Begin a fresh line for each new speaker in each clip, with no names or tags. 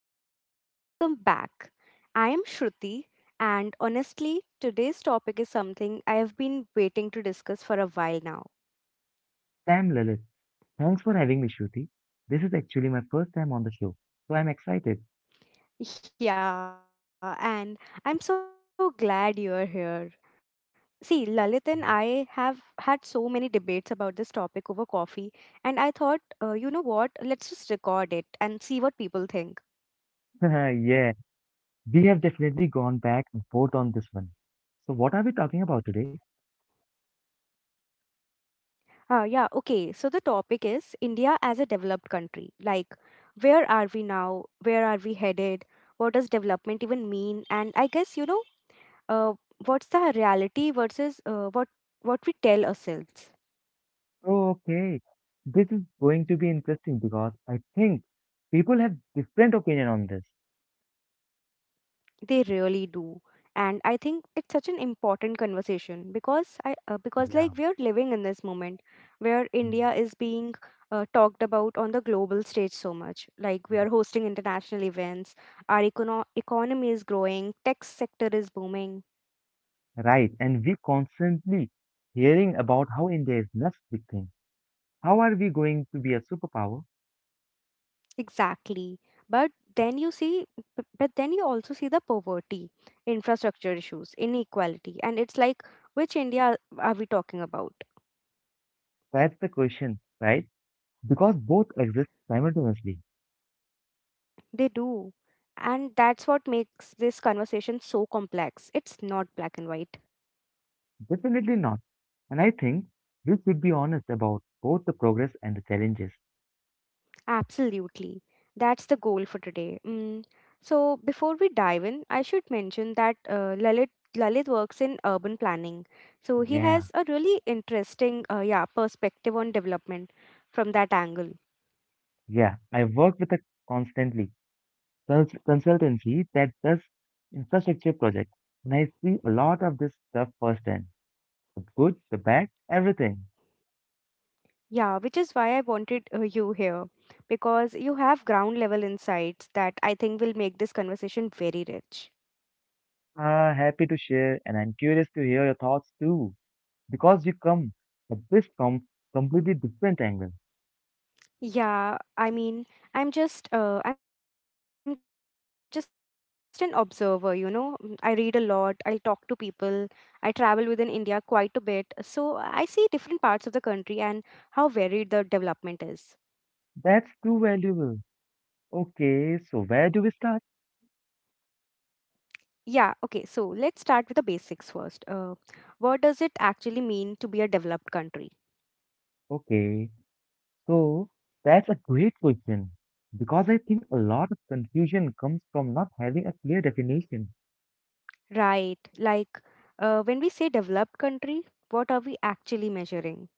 everyone, welcome back. I am Shruti, and honestly, today's topic is something I have been waiting to discuss for a while now.
Sam Lilith. Thanks for having me, Shruti. This is actually my first time on the show, so I'm excited.
Yeah, and I'm so glad you're here. See, Lalit and I have had so many debates about this topic over coffee, and I thought, let's just record it and see what people think.
Yeah, we have definitely gone back and forth on this one. So, what are we talking about today?
Yeah, okay. So the topic is India as a developed country. Like, where are we now? Where are we headed? What does development even mean? And I guess, you know, uh, what's the reality versus what we tell ourselves.
Oh, okay. This is going to be interesting because I think people have different opinion on this.
They really do. And I think it's such an important conversation because like
Yeah.
we're living in this moment where India
Mm,
is being talked about on the global stage so much. Like we are
yes.
hosting international events, our economy is growing, tech sector is booming.
Right. And we constantly hearing about how India is less victim. How are we going to be a superpower?
Exactly. But then you see, but then you also see the poverty, infrastructure issues, inequality, and it's like which India are we talking about?
That's the question, right? Because both exist simultaneously.
They do. And that's what makes this conversation so complex. It's not black and white.
Definitely not. And I think we should be honest about both the progress and the challenges.
Absolutely. That's the goal for today. Mm. So, before we dive in, I should mention that Lalit works in urban planning. So, he
Yeah,
has a really interesting yeah, perspective on development from that angle.
yeah. I work with a constantly consultancy that does infrastructure projects, and I see a lot of this stuff firsthand. The good, the bad, everything.
Yeah, which is why I wanted you here because you have ground level insights that I think will make this conversation very rich.
Happy to share, and I'm curious to hear your thoughts too, because you come at this completely different angle.
Yeah, I mean, I'm just an observer, you know. Mm, I read a lot, I talk to people, I travel within India quite a bit. So I see different parts of the country and how varied the development is.
That's too valuable. Okay, so where do we start?
Yeah, okay, so let's start with the basics first. What does it actually mean to be a developed country?
Okay. So that's a great question because I think a lot of confusion comes from not having a clear definition.
Right, like when we say developed country, what are we actually measuring?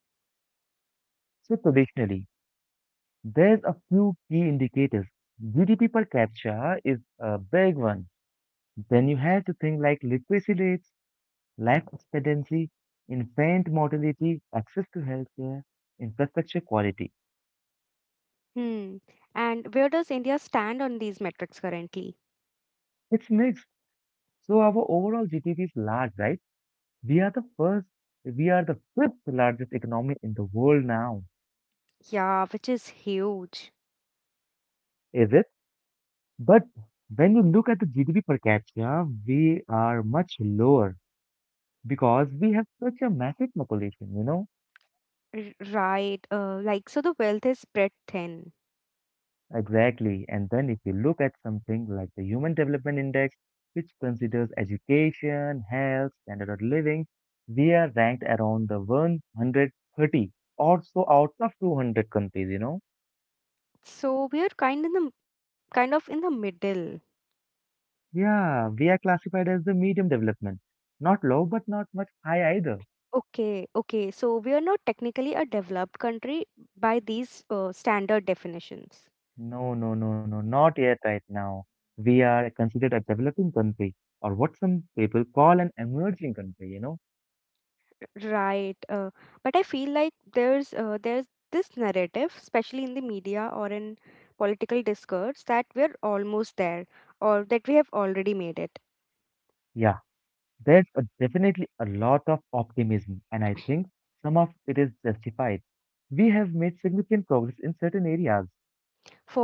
So traditionally, there's a few key indicators. GDP per capita is a big one. Then you have to think like literacy rates, life expectancy, infant mortality, access to healthcare, infrastructure quality.
Hmm. And where does India stand on these metrics currently?
It's mixed. So our overall GDP is large, right? We are the first, we are the fifth largest economy in the world now.
Yeah, which is huge.
Is it? But when you look at the GDP per capita, we are much lower because we have such a massive population, you know?
Right. Like so the wealth is spread thin.
Exactly. And then if you look at something like the Human Development Index, which considers education, health, standard of living, we are ranked around the 130 or so out of 200 countries, you know?
So we are kind of in the middle.
Yeah, we are classified as the medium development. Not low, but not much high either.
Okay, okay. So we are not technically a developed country by these standard definitions.
No, not yet right now. We are considered a developing country, or what some people call an emerging country, you know?
Right. But I feel like there's this narrative, especially in the media or in political discourse, that we're almost there or that we have already made it.
Yeah, there's a, definitely a lot of optimism, and I think some of it is justified. We have made significant progress in certain areas.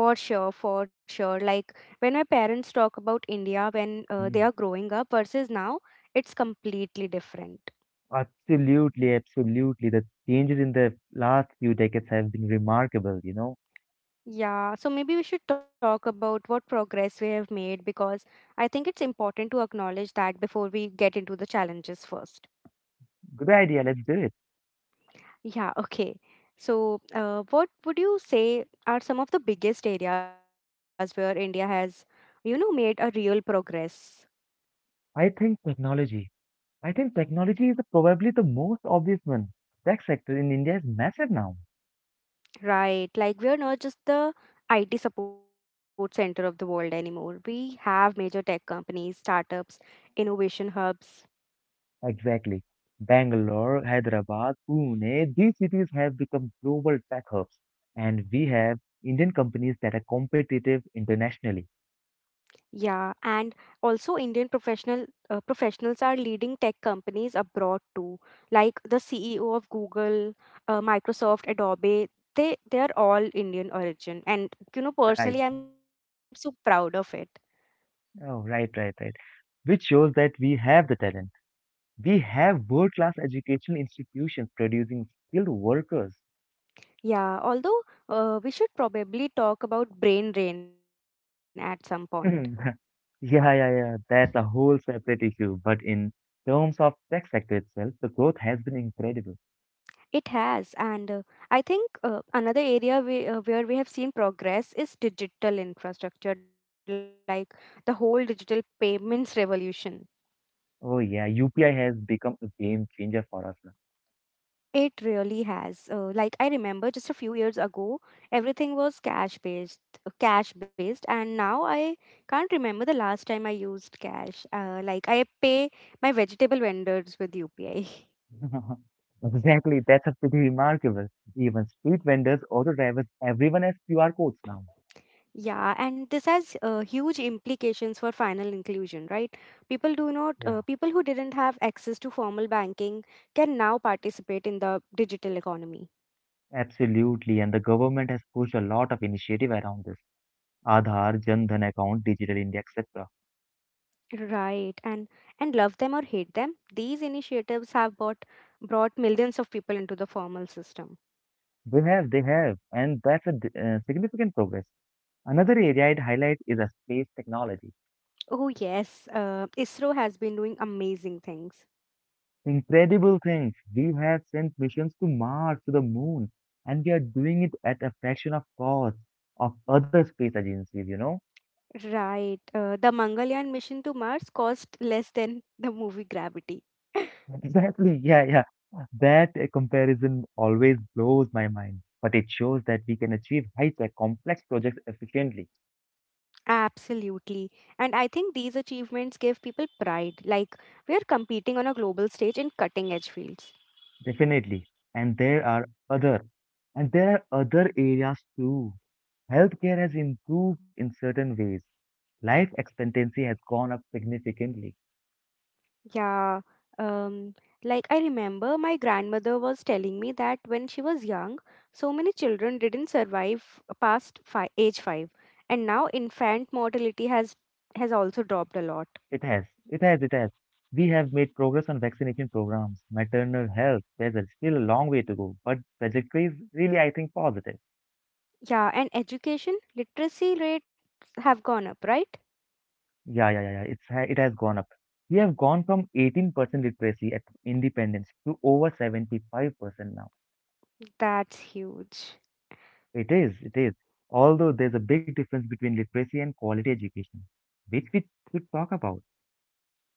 For sure, for sure. Like when my parents talk about India when
Mm.
they are growing up versus now, it's completely different.
Absolutely, absolutely. The changes in the last few decades have been remarkable, you know?
Yeah, so maybe we should talk about what progress we have made because I think it's important to acknowledge that before we get into the challenges first.
Good idea, let's do it.
Yeah, okay. So, what would you say are some of the biggest areas where India has, you know, made a real progress?
I think technology I think technology is probably the most obvious one. Tech sector in India is massive now.
Right. Like we're not just the IT support center of the world anymore. We have major tech companies, startups, innovation hubs.
Exactly. Bangalore, Hyderabad, Pune, these cities have become global tech hubs. And we have Indian companies that are competitive internationally.
Yeah, and also Indian professional professionals are leading tech companies abroad too. Like the CEO of Google, Microsoft, Adobe, they are all Indian origin. And you know,
Right.
personally, I'm so proud of it.
Oh, right. Which shows that we have the talent. We have world-class educational institutions producing skilled workers.
Yeah, although we should probably talk about brain drain at some point.
Mhm. Yeah. That's a whole separate issue. But in terms of tech sector itself, the growth has been incredible.
It has, and I think another area where we have seen progress is digital infrastructure, like the whole digital payments revolution.
Oh yeah, UPI has become a game changer for us
It really has. Like I remember just a few years ago, everything was cash based, and now I can't remember the last time I used cash. Like I pay my vegetable vendors with UPI.
now. Exactly. That's a pretty remarkable. Even street vendors, auto drivers, everyone has QR codes now.
Yeah, and this has huge implications for final inclusion, right? People do not,
Yeah,
People who didn't have access to formal banking can now participate in the digital economy.
absolutely. And the government has pushed a lot of initiative around this. Aadhaar, Jan Dhan account, Digital India, etc.
Right, and love them or hate them, these initiatives have brought millions of people into the formal system.
They have, and that's a significant progress. Another area I'd highlight is a space technology.
Oh yes, ISRO has been doing amazing things.
Incredible things. We have sent missions to Mars, to the moon, and we are doing it at a fraction of cost of other space agencies, you know?
Right, the Mangalyaan mission to Mars cost less than the movie Gravity.
Exactly. Yeah. That comparison always blows my mind, but it shows that we can achieve high-tech, complex projects efficiently.
Absolutely. And I think these achievements give people pride. Like, we are competing on a global stage in cutting edge fields.
Definitely. And there are other and there are other areas too. Healthcare has improved in certain ways. Life expectancy has gone up significantly.
Yeah. Um, like, I remember my grandmother was telling me that when she was young, so many children didn't survive past age 5. And now infant mortality has also dropped a lot.
It has. It has. We have made progress on vaccination programs, maternal health. There's still a long way to go, but trajectory is really, I think, positive.
Yeah, and education literacy rates have gone up, right?
Yeah. It's it has gone up. We have gone from 18% literacy at independence to over 75% now.
That's huge.
It is, it is. Although there's a big difference between literacy and quality education, which we should talk about.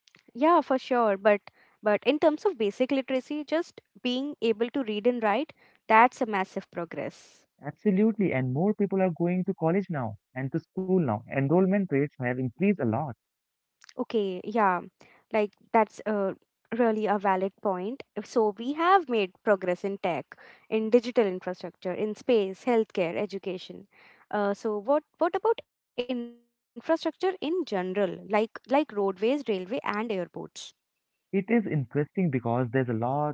Yeah, for sure. But in terms of basic literacy, just being able to read and write, that's a massive progress.
Absolutely, and more people are going to college now and to school now. Enrollment rates have increased a lot.
Okay, yeah. Like that's a really a valid point. So we have made progress in tech, in digital infrastructure, in space, healthcare, education. So what about infrastructure in general, like roadways, railway and airports?
It is interesting because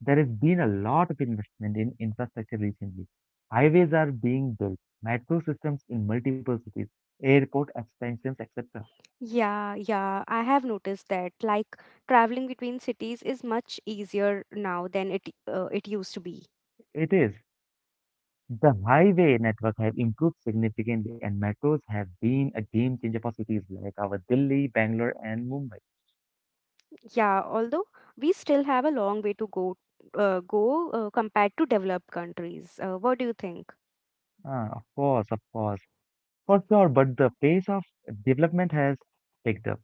there has been a lot of investment in infrastructure recently. Highways are being built, metro systems in multiple cities, airport expansions, etc.
Yeah, yeah, I have noticed that. Like traveling between cities is much easier now than it used to be.
It is. The highway network have improved significantly and metros have been a game changer for cities like our Delhi, Bangalore and Mumbai.
Yeah, although we still have a long way to go compared to developed countries. What do you think?
Ah, of course, for sure, but the pace of development has picked up.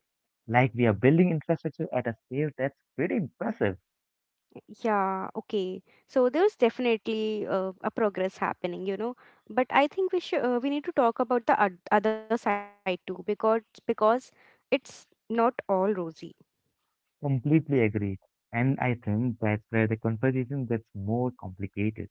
Like we are building infrastructure at a scale that's pretty impressive.
Yeah, okay. So there's definitely a progress happening, you know. But I think we should we need to talk about the other side too because it's not all rosy.
Completely agree. And I think that's where the conversation gets more complicated.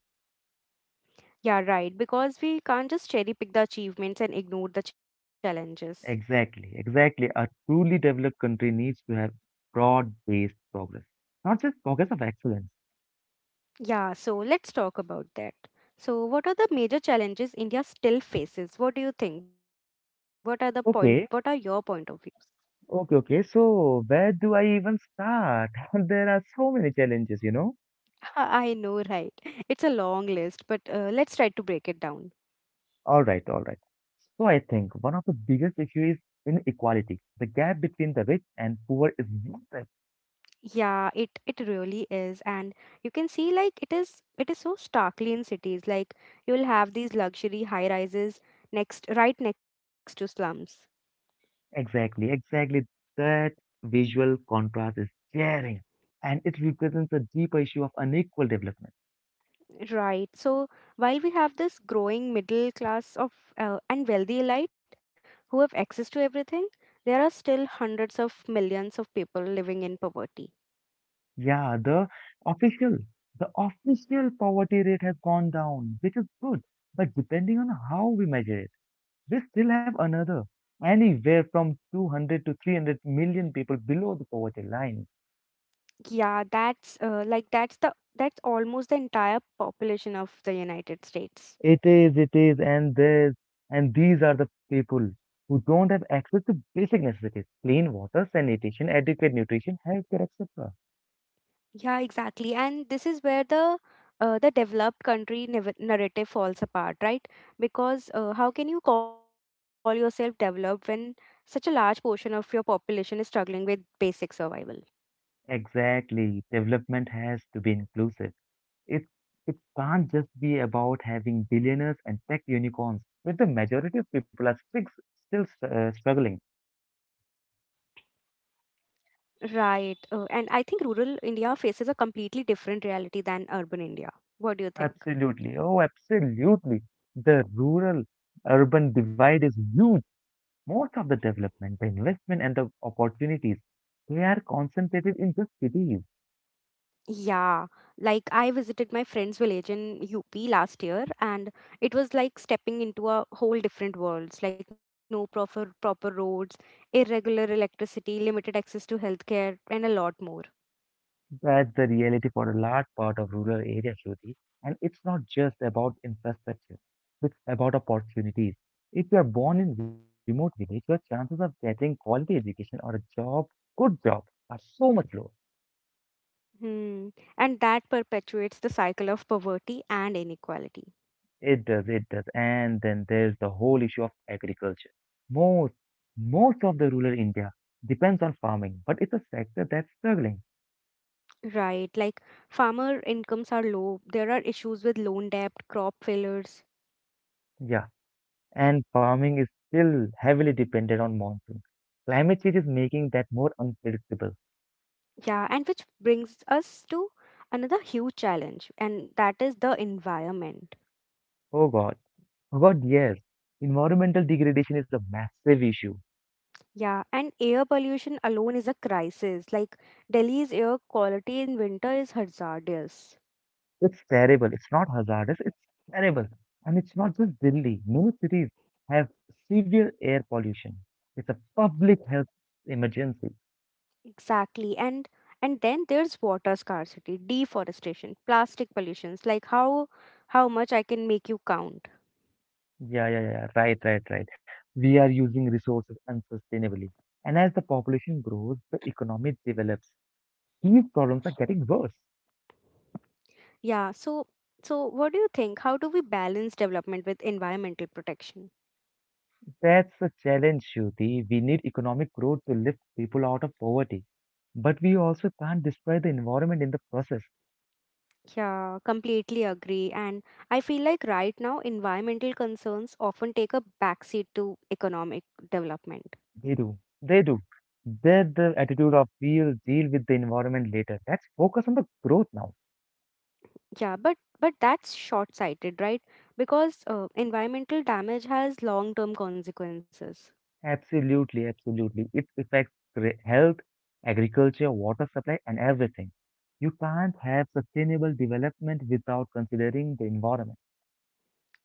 Yeah, right. Because we can't just cherry pick the achievements and ignore the challenges.
Exactly. A truly developed country needs to have broad-based progress, not just progress of excellence.
Yeah, so let's talk about that. So, what are the major challenges India still faces? What do you think? What are the point? What are your
Okay,
point of views?
Okay. So where do I even start? There are so many challenges, you know.
I know, right? It's a long list, but let's try to break it down.
All right. So I think one of the biggest issues is inequality. The gap between the rich and poor is massive.
Yeah, it really is, and you can see like it is so starkly in cities. Like you'll have these luxury high rises next right next to slums.
Exactly. That visual contrast is glaring, and it represents a deeper issue of unequal development.
Right. So while we have this growing middle class of and wealthy elite who have access to everything, there are still hundreds of millions of people living in poverty.
Yeah, official, the official poverty rate has gone down, which is good, but depending on how we measure it. We still have another anywhere from 200 to 300 million people below the poverty line.
Yeah, that's like that's the that's almost the entire population of the United States.
And these are the people who don't have access to basic necessities, clean water, sanitation, adequate nutrition, healthcare, etc.
Yeah, exactly. And this is where the developed country narrative falls apart, right? Because how can you call yourself developed when such a large portion of your population is struggling with basic survival?
Exactly. Development has to be inclusive. It, it can't just be about having billionaires and tech unicorns, where the majority of people are still, still struggling.
Right. And I think rural India faces a completely different reality than urban India. What do you think?
Absolutely. Oh, absolutely. The rural urban divide is huge. Most of the development, the investment, and the opportunities, they are concentrated in just cities.
Yeah. Like I visited my friend's village in UP last year and it was like stepping into a whole different world. Like no proper roads, irregular electricity, limited access to healthcare and a lot more.
That's the reality for a large part of rural areas, Shruti. And it's not just about infrastructure, it's about opportunities. If you are born in remote village, your chances of getting quality education or a job, good job, are so much lower.
Hmm. And that perpetuates the cycle of poverty and inequality.
It does, it does. And then there's the whole issue of agriculture. Most, Most of the rural India depends on farming, but it's a sector that's struggling.
Right, like farmer incomes are low. There are issues with loan debt, crop failures.
Yeah. And farming is still heavily dependent on monsoon. Climate change is making that more unpredictable.
Yeah, and which brings us to another huge challenge, and that is the environment.
Oh God. Oh God, yes. Environmental degradation is a massive issue.
Yeah, and air pollution alone is a crisis. Like Delhi's air quality in winter is hazardous.
It's terrible. It's not hazardous. It's terrible. And it's not just Delhi. Many cities have severe air pollution. It's a public health emergency.
Exactly. And then there's water scarcity, deforestation, plastic pollutions. Like how much I can make you count.
Yeah. Right. We are using resources unsustainably. And as the population grows, the economy develops. These problems are getting worse.
Yeah, so what do you think? How do we balance development with environmental protection?
That's the challenge, Shruti. We need economic growth to lift people out of poverty. But we also can't destroy the environment in the process.
Yeah, completely agree. And I feel like right now environmental concerns often take a backseat to economic development.
They do. They do. They're the attitude of we'll deal with the environment later. Let's focus on the growth now.
Yeah, but that's short-sighted, right? Because environmental damage has long-term consequences.
Absolutely. It affects health, agriculture, water supply, and everything. You can't have sustainable development without considering the environment.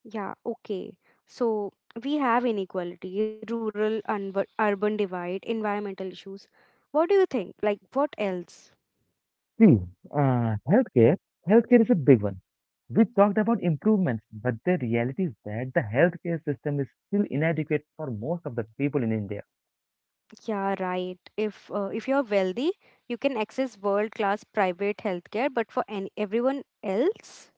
Yeah, okay. So we have inequality, rural and urban divide, environmental issues. What do you think? Like what else?
See, uh, healthcare, healthcare is a big one. We talked about improvements, but the reality is that the healthcare system is still inadequate for most of the people in India.
Yeah, right. If you're wealthy, you can access world-class private healthcare, but for any, everyone else,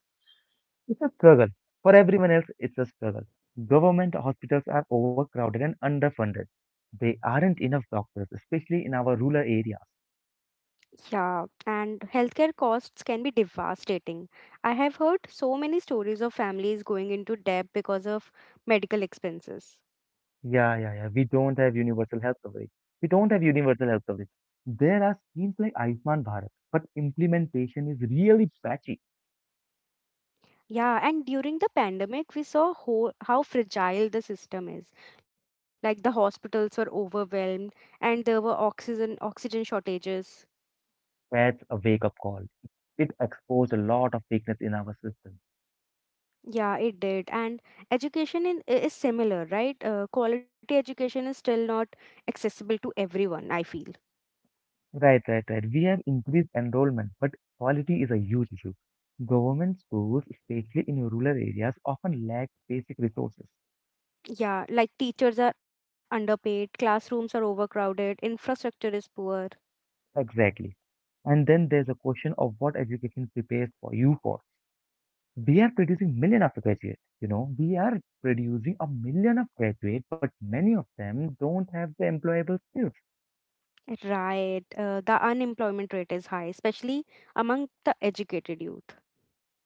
It's a struggle. For everyone else, it's a struggle. Government hospitals are overcrowded and underfunded. They aren't enough doctors, especially in our rural areas.
yeah, and healthcare costs can be devastating. I have heard so many stories of families going into debt because of medical expenses.
Yeah, yeah, yeah. We don't have universal health coverage. We don't have universal health coverage. There are schemes like Ayushman Bharat, but implementation is really patchy.
Yeah, and during the pandemic, we saw ho how fragile the system is. Like the hospitals were overwhelmed, and there were oxygen shortages.
That's a wake-up call. It exposed a lot of weakness in our system.
Yeah, it did. And education is similar, right? Quality education is still not accessible to everyone, I feel.
Right. We have increased enrollment, but quality is a huge issue. Government schools, especially in rural areas, often lack basic resources.
Yeah, like teachers are underpaid, classrooms are overcrowded, infrastructure is poor.
Exactly. And then there's a question of what education prepares for you for. We are producing a million of graduates, but many of them don't have the employable skills.
Right. The unemployment rate is high, especially among the educated youth.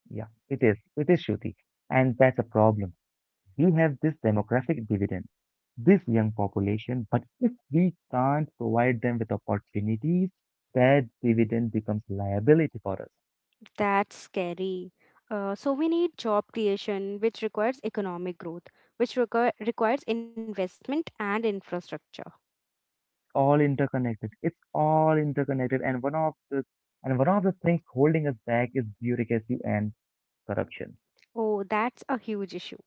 Yeah, it is. It is Shruti. And that's a problem. We have this demographic dividend, this young population, but if we can't provide them with opportunities, that dividend becomes liability for us.
That's scary. So we need job creation, which requires economic growth, which requires investment and infrastructure.
All interconnected. It's all interconnected. And one of the things holding us back is bureaucracy and corruption.
Oh, that's a huge issue.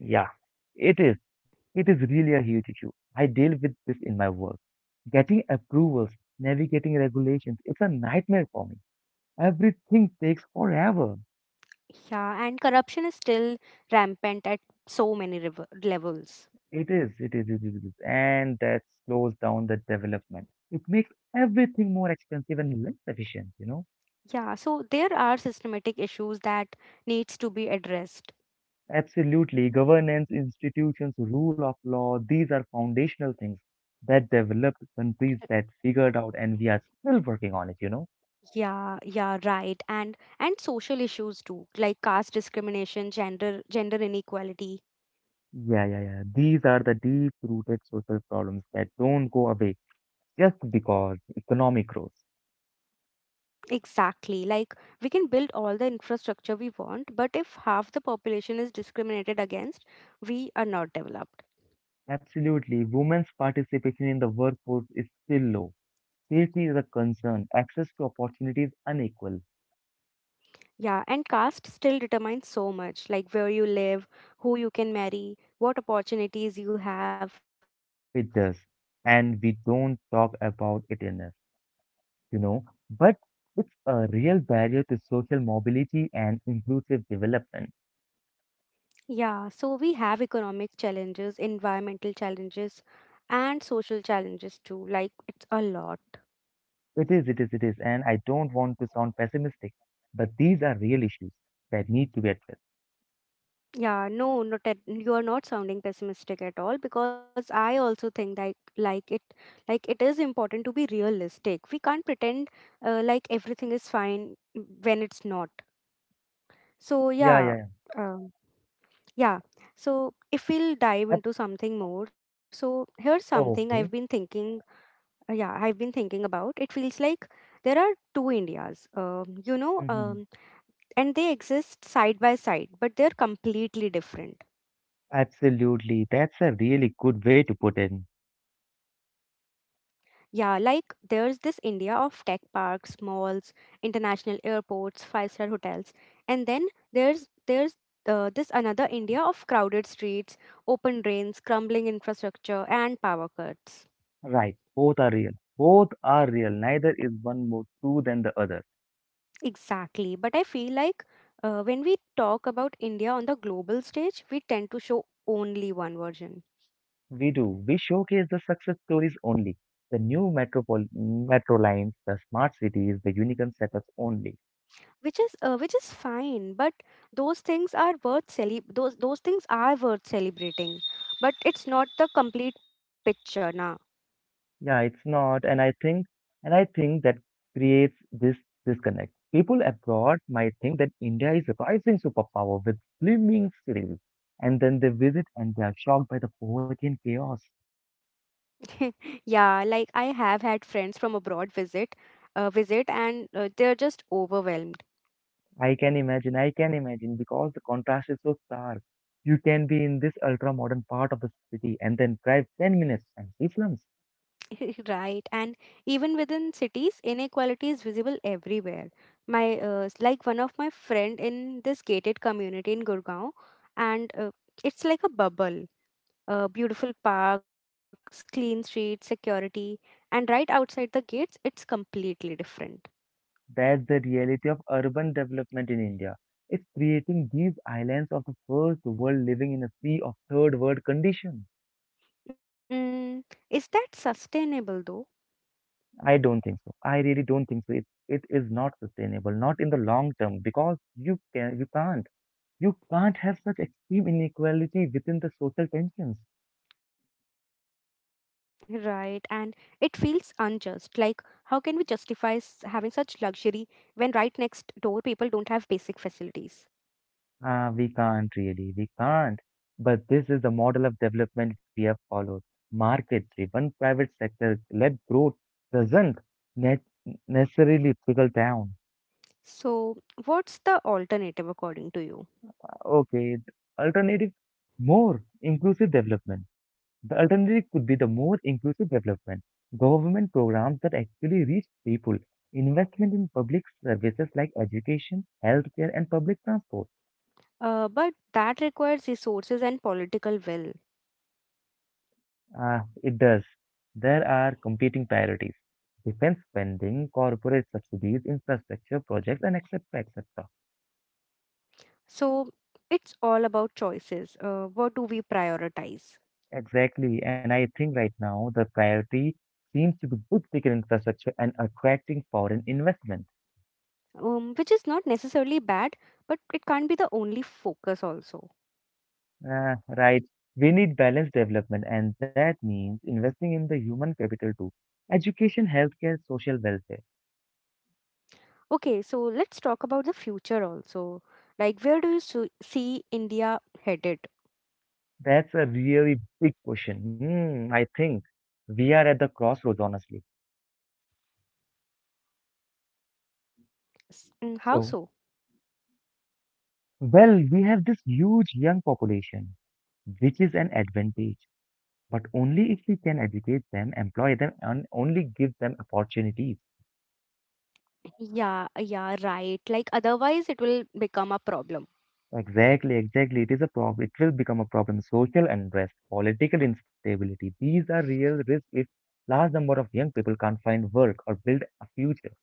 Yeah, it is. It is really a huge issue. I deal with this in my work. Getting approvals, navigating regulations, it's a nightmare for me. Everything takes forever.
Yeah, and corruption is still rampant at so many levels.
It is. And that slows down the development. It makes everything more expensive and less efficient, you know?
Yeah, so there are systematic issues that needs to be addressed.
Absolutely. Governance, institutions, rule of law, these are foundational things that developed countries that figured out, and we are still working on it, you know?
Yeah, yeah, right. And social issues too, like caste discrimination, gender inequality.
Yeah. These are the deep-rooted social problems that don't go away just because economic growth.
Exactly. Like we can build all the infrastructure we want, but if half the population is discriminated against, we are not developed.
Absolutely. Women's participation in the workforce is still low. Safety is a concern. Access to opportunities unequal.
Yeah, and caste still determines so much, like where you live, who you can marry, what opportunities you have.
It does. And we don't talk about it enough, you know. But it's a real barrier to social mobility and inclusive development.
Yeah, so we have economic challenges, environmental challenges, and social challenges too. Like it's a lot.
It is, it is, it is. And I don't want to sound pessimistic, but these are real issues that need to be addressed.
Yeah, no, not at, you are not sounding pessimistic at all because I also think that like it is important to be realistic. We can't pretend like everything is fine when it's not. So
Yeah,
yeah,
yeah, yeah.
uh, yeah. So if we'll dive into something more, so here's something I've been
Okay.
thinking. Yeah, I've been thinking about. It feels like there are two Indias,
Hmm.
and they exist side by side, but they're completely different.
Absolutely. That's a really good way to put it.
Yeah, like there's this India of tech parks, malls, international airports, five-star hotels, and then there's this another India of crowded streets, open drains, crumbling infrastructure, and power cuts.
Right. Both are real. Both are real. Neither is one more true than the other.
Exactly. But I feel like when we talk about India on the global stage, we tend to show only one version,
We do. We showcase the success stories only. The new metro lines, the smart cities, the unicorn setups only.
which is fine. But those things are worth celebrating. But it's not the complete picture, na.
Yeah, it's not. And I think that creates this disconnect. People abroad might think that India is a rising superpower with slimming cities, and then they visit and they are shocked by the poverty and chaos.
Yeah, like I have had friends from abroad visit, visit, and they're just overwhelmed.
I can imagine, because the contrast is so stark. You can be in this ultra modern part of the city and then drive 10 minutes and see slums.
Right. And even within cities, inequality is visible everywhere. Like one of my friend in this gated community in Gurgaon, and it's like a bubble. Beautiful parks, clean streets, security, and right outside the gates, it's completely different.
That's the reality of urban development in India. It's creating these islands of the first world living in a sea of third world condition.
Mm, is that sustainable though?
I don't think so. I really don't think so. It is not sustainable, not in the long term, because you can't have such extreme inequality within the social tensions.
Right. And it feels unjust. Like how can we justify having such luxury when right next door people don't have basic facilities?
Ah, we can't really, we can't. But this is the model of development we have followed. Market-driven private sector-led growth doesn't ne necessarily trickle down.
So, what's the alternative according to you?
Okay, the alternative more inclusive development. The alternative could be the more inclusive development. Government programs that actually reach people, investment in public services like education, healthcare, and public transport.
But that requires resources and political will.
Ah, it does. There are competing priorities. Defense spending, corporate subsidies, infrastructure projects, and etc. etc.
So, it's all about choices. What do we prioritize?
Exactly. And I think right now the priority seems to be good ticket infrastructure and attracting foreign investment.
Which is not necessarily bad, but it can't be the only focus, also.
Right. We need balanced development, and that means investing in the human capital too. Education, healthcare, social welfare.
Okay, so let's talk about the future also. Like, where do you see India headed?
That's a really big question. Hmm, I think we are at the crossroads, honestly.
How so?
So, well, we have this huge young population, which is an advantage, but only if we can educate them, employ them, and only give them opportunities.
Yeah, yeah, right. Like, otherwise, it will become a problem.
Exactly, exactly. It is a problem. It will become a problem. Social unrest, political instability. These are real risks if large number of young people can't find work or build a future.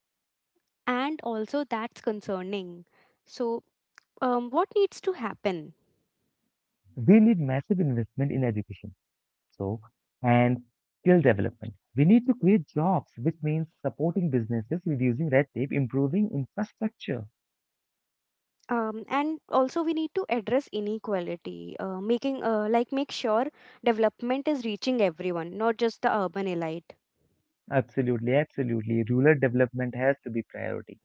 And also that's concerning, so what needs to happen?
We need massive investment in education. So, and skill development. We need to create jobs, which means supporting businesses, reducing red tape, improving infrastructure.
And also we need to address inequality, making like make sure development is reaching everyone, not just the urban elite.
Absolutely, absolutely. Rural development has to be priority.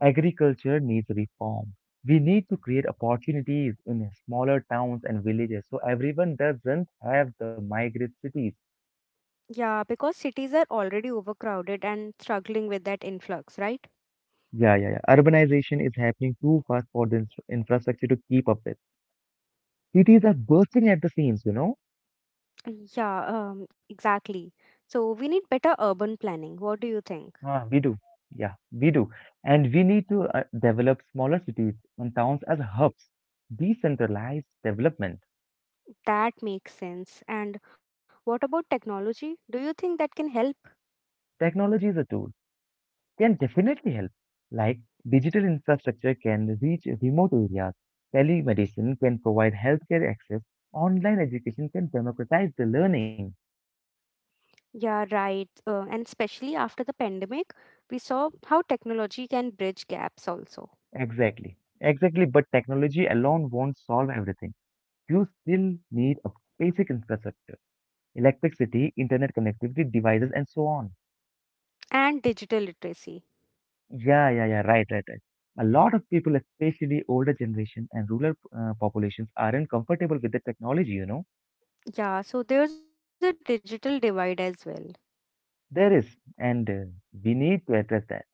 Agriculture needs reform. We need to create opportunities in smaller towns and villages so everyone doesn't have the migrate cities.
Yeah, because cities are already overcrowded and struggling with that influx, right?
Yeah, yeah, yeah. Urbanization is happening too fast for the infrastructure to keep up with. Cities are bursting at the seams, you know?
Yeah, exactly. So we need better urban planning. What do you think?
Ah, we do. Yeah, we do. And we need to develop smaller cities and towns as hubs. Decentralized development.
That makes sense. And what about technology? Do you think that can help?
Technology is a tool. Can definitely help. Like digital infrastructure can reach remote areas, telemedicine can provide healthcare access, online education can democratize the learning.
Yeah, right. And especially after the pandemic, we saw how technology can bridge gaps also,
Exactly, exactly. But technology alone won't solve everything. You still need a basic infrastructure, electricity, internet connectivity, devices, and so on.
and digital literacy.
Yeah, yeah, yeah. Right, right, right. A lot of people, especially older generation and rural populations, aren't comfortable with the technology, you know.
Yeah, so there's a digital divide as well.
There is, and we need to address that.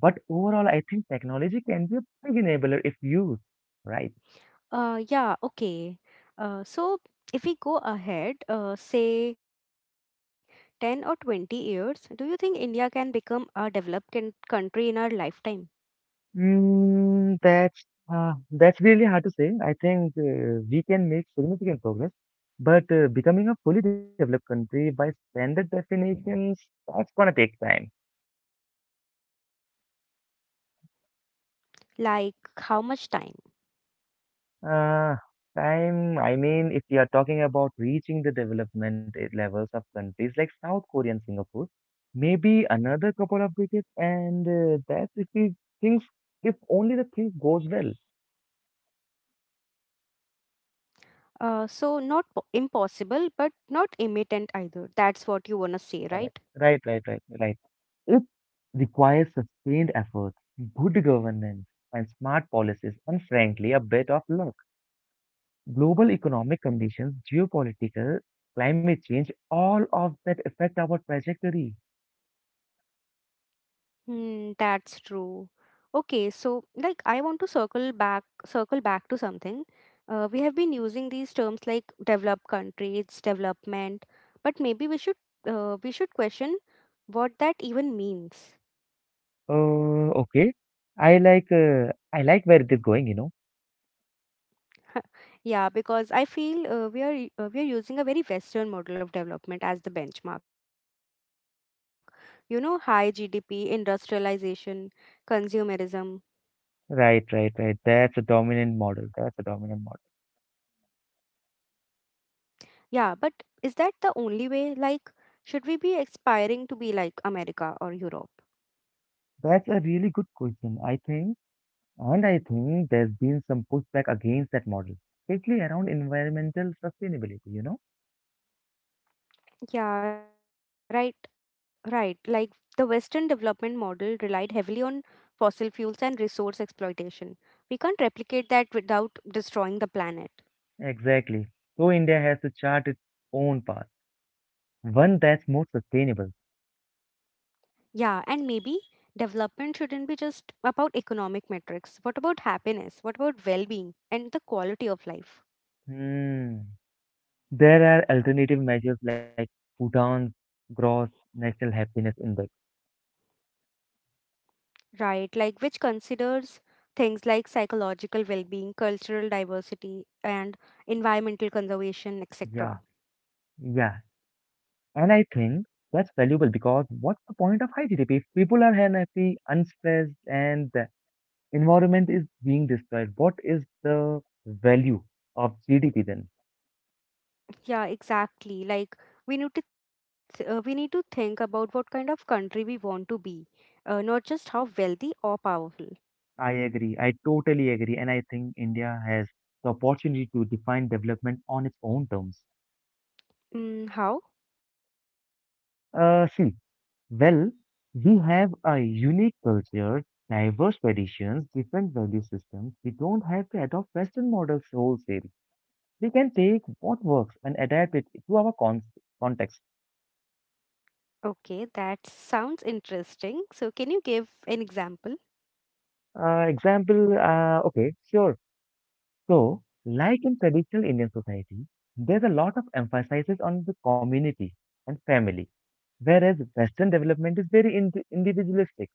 But overall, I think technology can be a big enabler if used right.
Yeah, okay. So if we go ahead, say 10 or 20 years, do you think India can become a developed country in our lifetime?
Mm, that's really hard to say. I think we can make significant progress, but becoming a fully developed country by standard definitions, that's gonna take time.
Like, how much time?
Uh, Time, I mean, if we are talking about reaching the development levels of countries like South Korea and Singapore, maybe another couple of decades, and that's if we things, if only the thing goes well.
So not impossible, but not imminent either. That's what you wanna say, right?
Alright. Right, right, right, right. It requires sustained effort, good governance, and smart policies, and frankly, a bit of luck. Global economic conditions, geopolitical, climate change, all of that affect our trajectory.
Hmm, that's true. Okay, so like I want to circle back to something. We have been using these terms like developed countries, development, but maybe we should question what that even means.
Okay. I like where it is going, you know.
Yeah, because I feel uh, we are using a very Western model of development as the benchmark. You know, high GDP, industrialization, consumerism.
Right, right, right. That's a dominant model. That's a dominant model.
Yeah, but is that the only way? Like, should we be aspiring to be like America or Europe?
That's a really good question, I think. And I think there's been some pushback against that model, especially around environmental sustainability, you know?
Yeah, right, right. Like, the Western development model relied heavily on fossil fuels and resource exploitation. We can't replicate that without destroying the planet.
Exactly. So India has to chart its own path, one that's more sustainable.
Yeah, and maybe development shouldn't be just about economic metrics. What about happiness? What about well being and the quality of life?
Hmm. There are alternative measures like Bhutan's Gross National Happiness Index.
Right, like which considers things like psychological well being, cultural diversity, and environmental conservation, etc.
Yeah. Yeah. And I think that's valuable because what's the point of high GDP if people are unhappy, unstressed, and the environment is being destroyed? What is the value of GDP then?
Yeah, exactly. Like we need to think about what kind of country we want to be, not just how wealthy or powerful.
I agree. I totally agree. And I think India has the opportunity to define development on its own terms.
Mm, how?
See, well, we have a unique culture, diverse traditions, different value systems. We don't have to adopt Western models wholesale. We can take what works and adapt it to our context.
Okay, that sounds interesting. So, can you give an example?
Example, okay, sure. So, like in traditional Indian society, there's a lot of emphasis on the community and family, whereas Western development is very individualistic.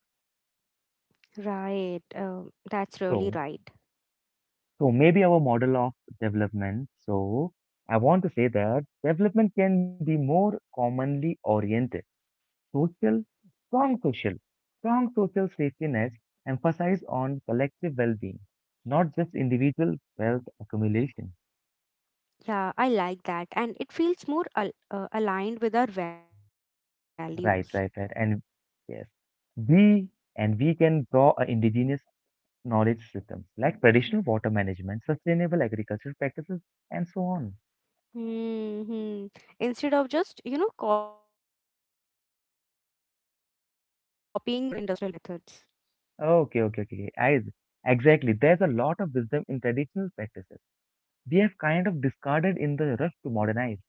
Right, that's really
So,
right.
so maybe our model of development. So, I want to say that development can be more commonly oriented, social, strong social. Strong social safety nets emphasize on collective well-being, not just individual wealth accumulation.
Yeah, I like that, and it feels more aligned with our values.
Right, right, right. And yes, we and we can draw a indigenous knowledge systems like traditional water management, sustainable agricultural practices, and so on.
Hmm, hmm. Instead of just, you know, copying modern industrial methods.
Okay, okay, okay, okay. I exactly. There's a lot of wisdom in traditional practices. We have kind of discarded in the rush to modernize.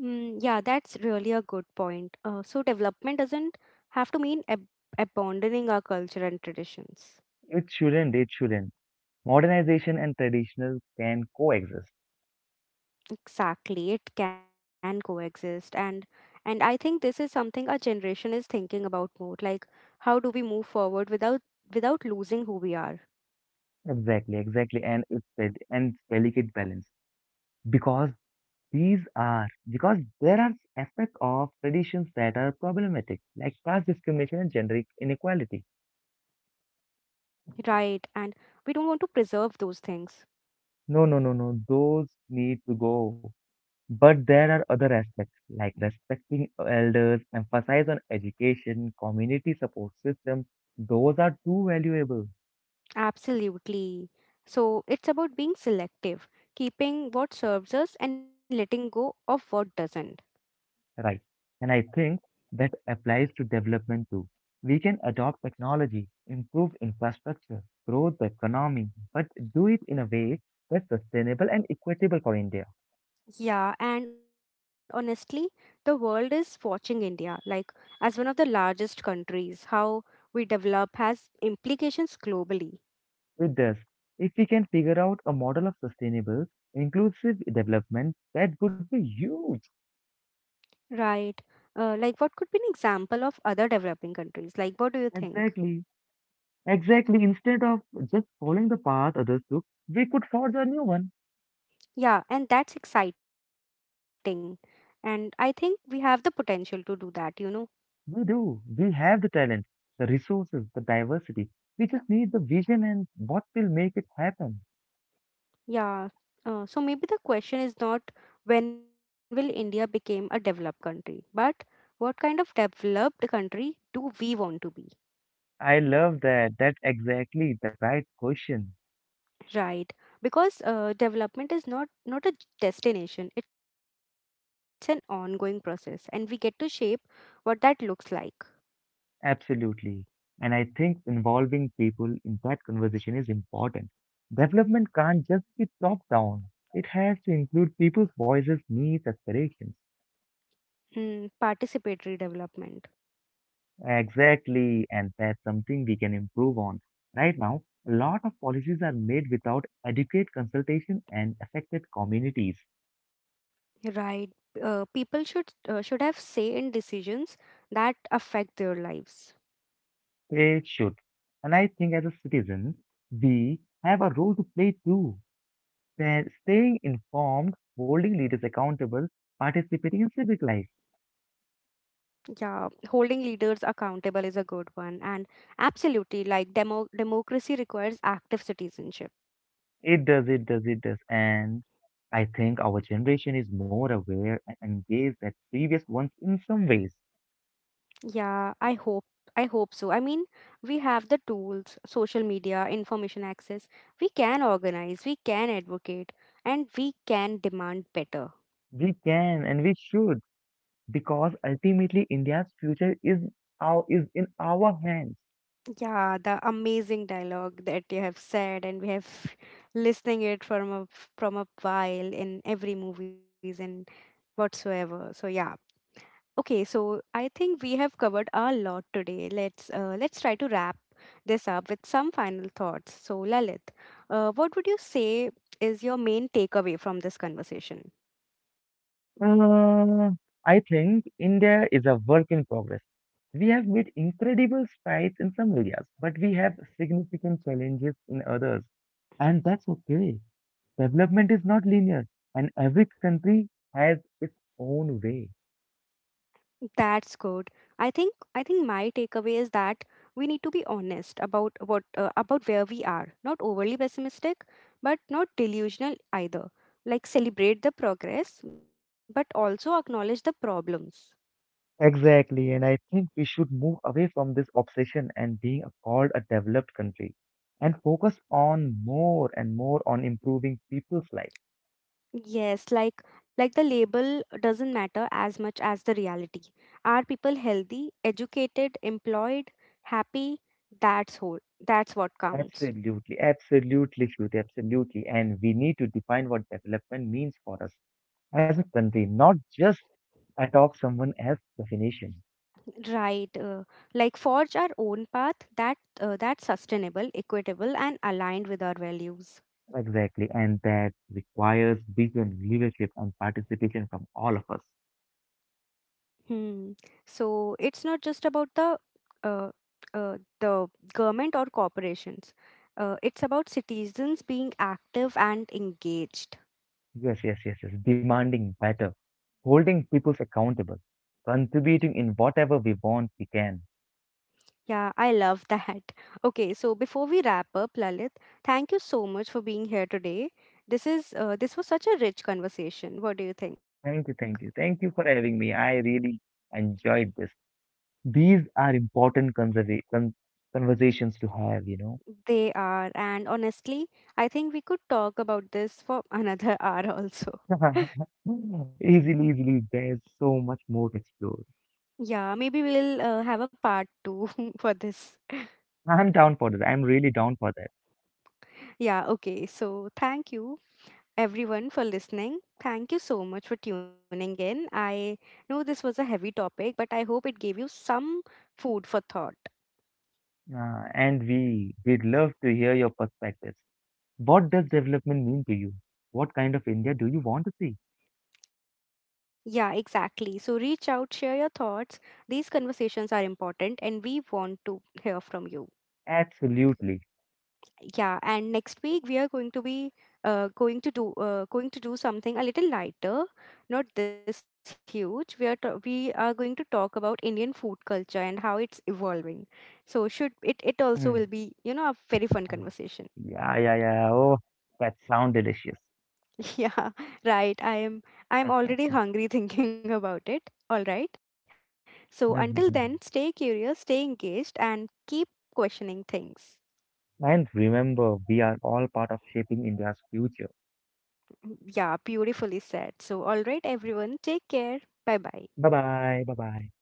Mm, yeah, that's really a good point. So development doesn't have to mean ab abandoning our culture and traditions.
It shouldn't. It shouldn't. Modernization and traditional can coexist.
Exactly, it can coexist, and I think this is something our generation is thinking about more. Like, how do we move forward without losing who we are?
Exactly, exactly, and it's delicate balance because these are because there are aspects of traditions that are problematic, like class discrimination and gender inequality.
Right, and we don't want to preserve those things.
No, no, no, no, those need to go. But there are other aspects like respecting elders, emphasize on education, community support system. Those are too valuable.
Absolutely. So it's about being selective, keeping what serves us and letting go of what doesn't.
Right. And I think that applies to development too. We can adopt technology, improve infrastructure, grow the economy, but do it in a way that's sustainable and equitable for India.
Yeah, and honestly, the world is watching India, like as one of the largest countries, how we develop has implications globally,
With this, if we can figure out a model of sustainable, inclusive development, that would be huge.
right? Like, what could be an example of other developing countries? Like, what do you think?
Exactly. Exactly. Instead of just following the path others took, we could forge a new one.
Yeah, and that's exciting. And I think we have the potential to do that, you know.
We do. We have the talent, the resources, the diversity. We just need the vision and what will make it happen.
Yeah. So maybe the question is not when will India become a developed country, but what kind of developed country do we want to be,
I love that. That's exactly the right question.
right? Because development is not a destination; it's an ongoing process, and we get to shape what that looks like.
Absolutely. And I think involving people in that conversation is important. Development can't just be top down. It has to include people's voices, needs, aspirations.
Hmm, participatory development,
Exactly. And that's something we can improve on. Right now, a lot of policies are made without adequate consultation and affected communities.
right? People should have say in decisions that affect their lives.
They should. And I think as a citizen, we have a role to play too. That staying informed, holding leaders accountable, participating in civic life.
Yeah, holding leaders accountable is a good one. And absolutely, like democracy requires active citizenship.
It does, it does, it does. And I think our generation is more aware and engaged than previous ones in some ways.
Yeah, I hope so. I mean, we have the tools, social media, information access. We can organize, we can advocate, and we can demand better.
We can and we should because ultimately India's future is our, is in our hands.
Yeah, the amazing dialogue that you have said, and we have listening it from a while in every movies and whatsoever. So yeah. Okay, so I think we have covered a lot today. Let's try to wrap this up with some final thoughts. So, Lalit, what would you say is your main takeaway from this conversation?
Uh, I think India is a work in progress. We have made incredible strides in some areas, but we have significant challenges in others. And that's okay. Development is not linear, and every country has its own way.
That's good. I think my takeaway is that we need to be honest about what about where we are. Not overly pessimistic, but not delusional either. Like celebrate the progress, but also acknowledge the problems.
Exactly. And I think we should move away from this obsession and being called a developed country and focus on more and more on improving people's life.
Yes, like the label doesn't matter as much as the reality. Are people healthy, educated, employed, happy? That's whole. That's what counts.
Absolutely, absolutely, Shruti, absolutely. And we need to define what development means for us as a country, not just adopt someone else's definition.
Right. Like forge our own path that that's sustainable, equitable, and aligned with our values.
Exactly. And that requires vision, leadership, and participation from all of us.
Hmm. So it's not just about uh, uh, the government or corporations. It's about citizens being active and engaged.
Yes, yes, yes, yes. Demanding better, holding people accountable, contributing in whatever we want we can.
Yeah, I love that. Okay, so before we wrap up, Lalit, thank you so much for being here today. This is this was such a rich conversation. What do you think?
Thank you, thank you. Thank you for having me. I really enjoyed this. These are important conserva con conversations to have, you know.
They are, and honestly, I think we could talk about this for another hour also.
Easily, easily, there's so much more to explore.
Yeah, maybe we'll have a part two for this.
I'm down for that. I'm really down for that.
Yeah, okay. So, thank you everyone for listening. Thank you so much for tuning in. I know this was a heavy topic, but I hope it gave you some food for thought.
And we'd love to hear your perspectives. What does development mean to you? What kind of India do you want to see?
Yeah, exactly. So reach out, share your thoughts. These conversations are important and we want to hear from you.
Absolutely.
Yeah, and next week we are going to be going to do something a little lighter, not this huge. We are going to talk about Indian food culture and how it's evolving. So should it it also will
Mm.
be, you know, a very fun
Uh,
conversation.
Yeah, yeah, yeah. Oh, that sound delicious.
Yeah, right. I am already hungry thinking about it. All right. So until then, stay curious, stay engaged and keep questioning things.
And remember, we are all part of shaping India's future.
Mm, yeah, beautifully said. So all right everyone, take care. Bye-bye.
Bye bye. Bye bye.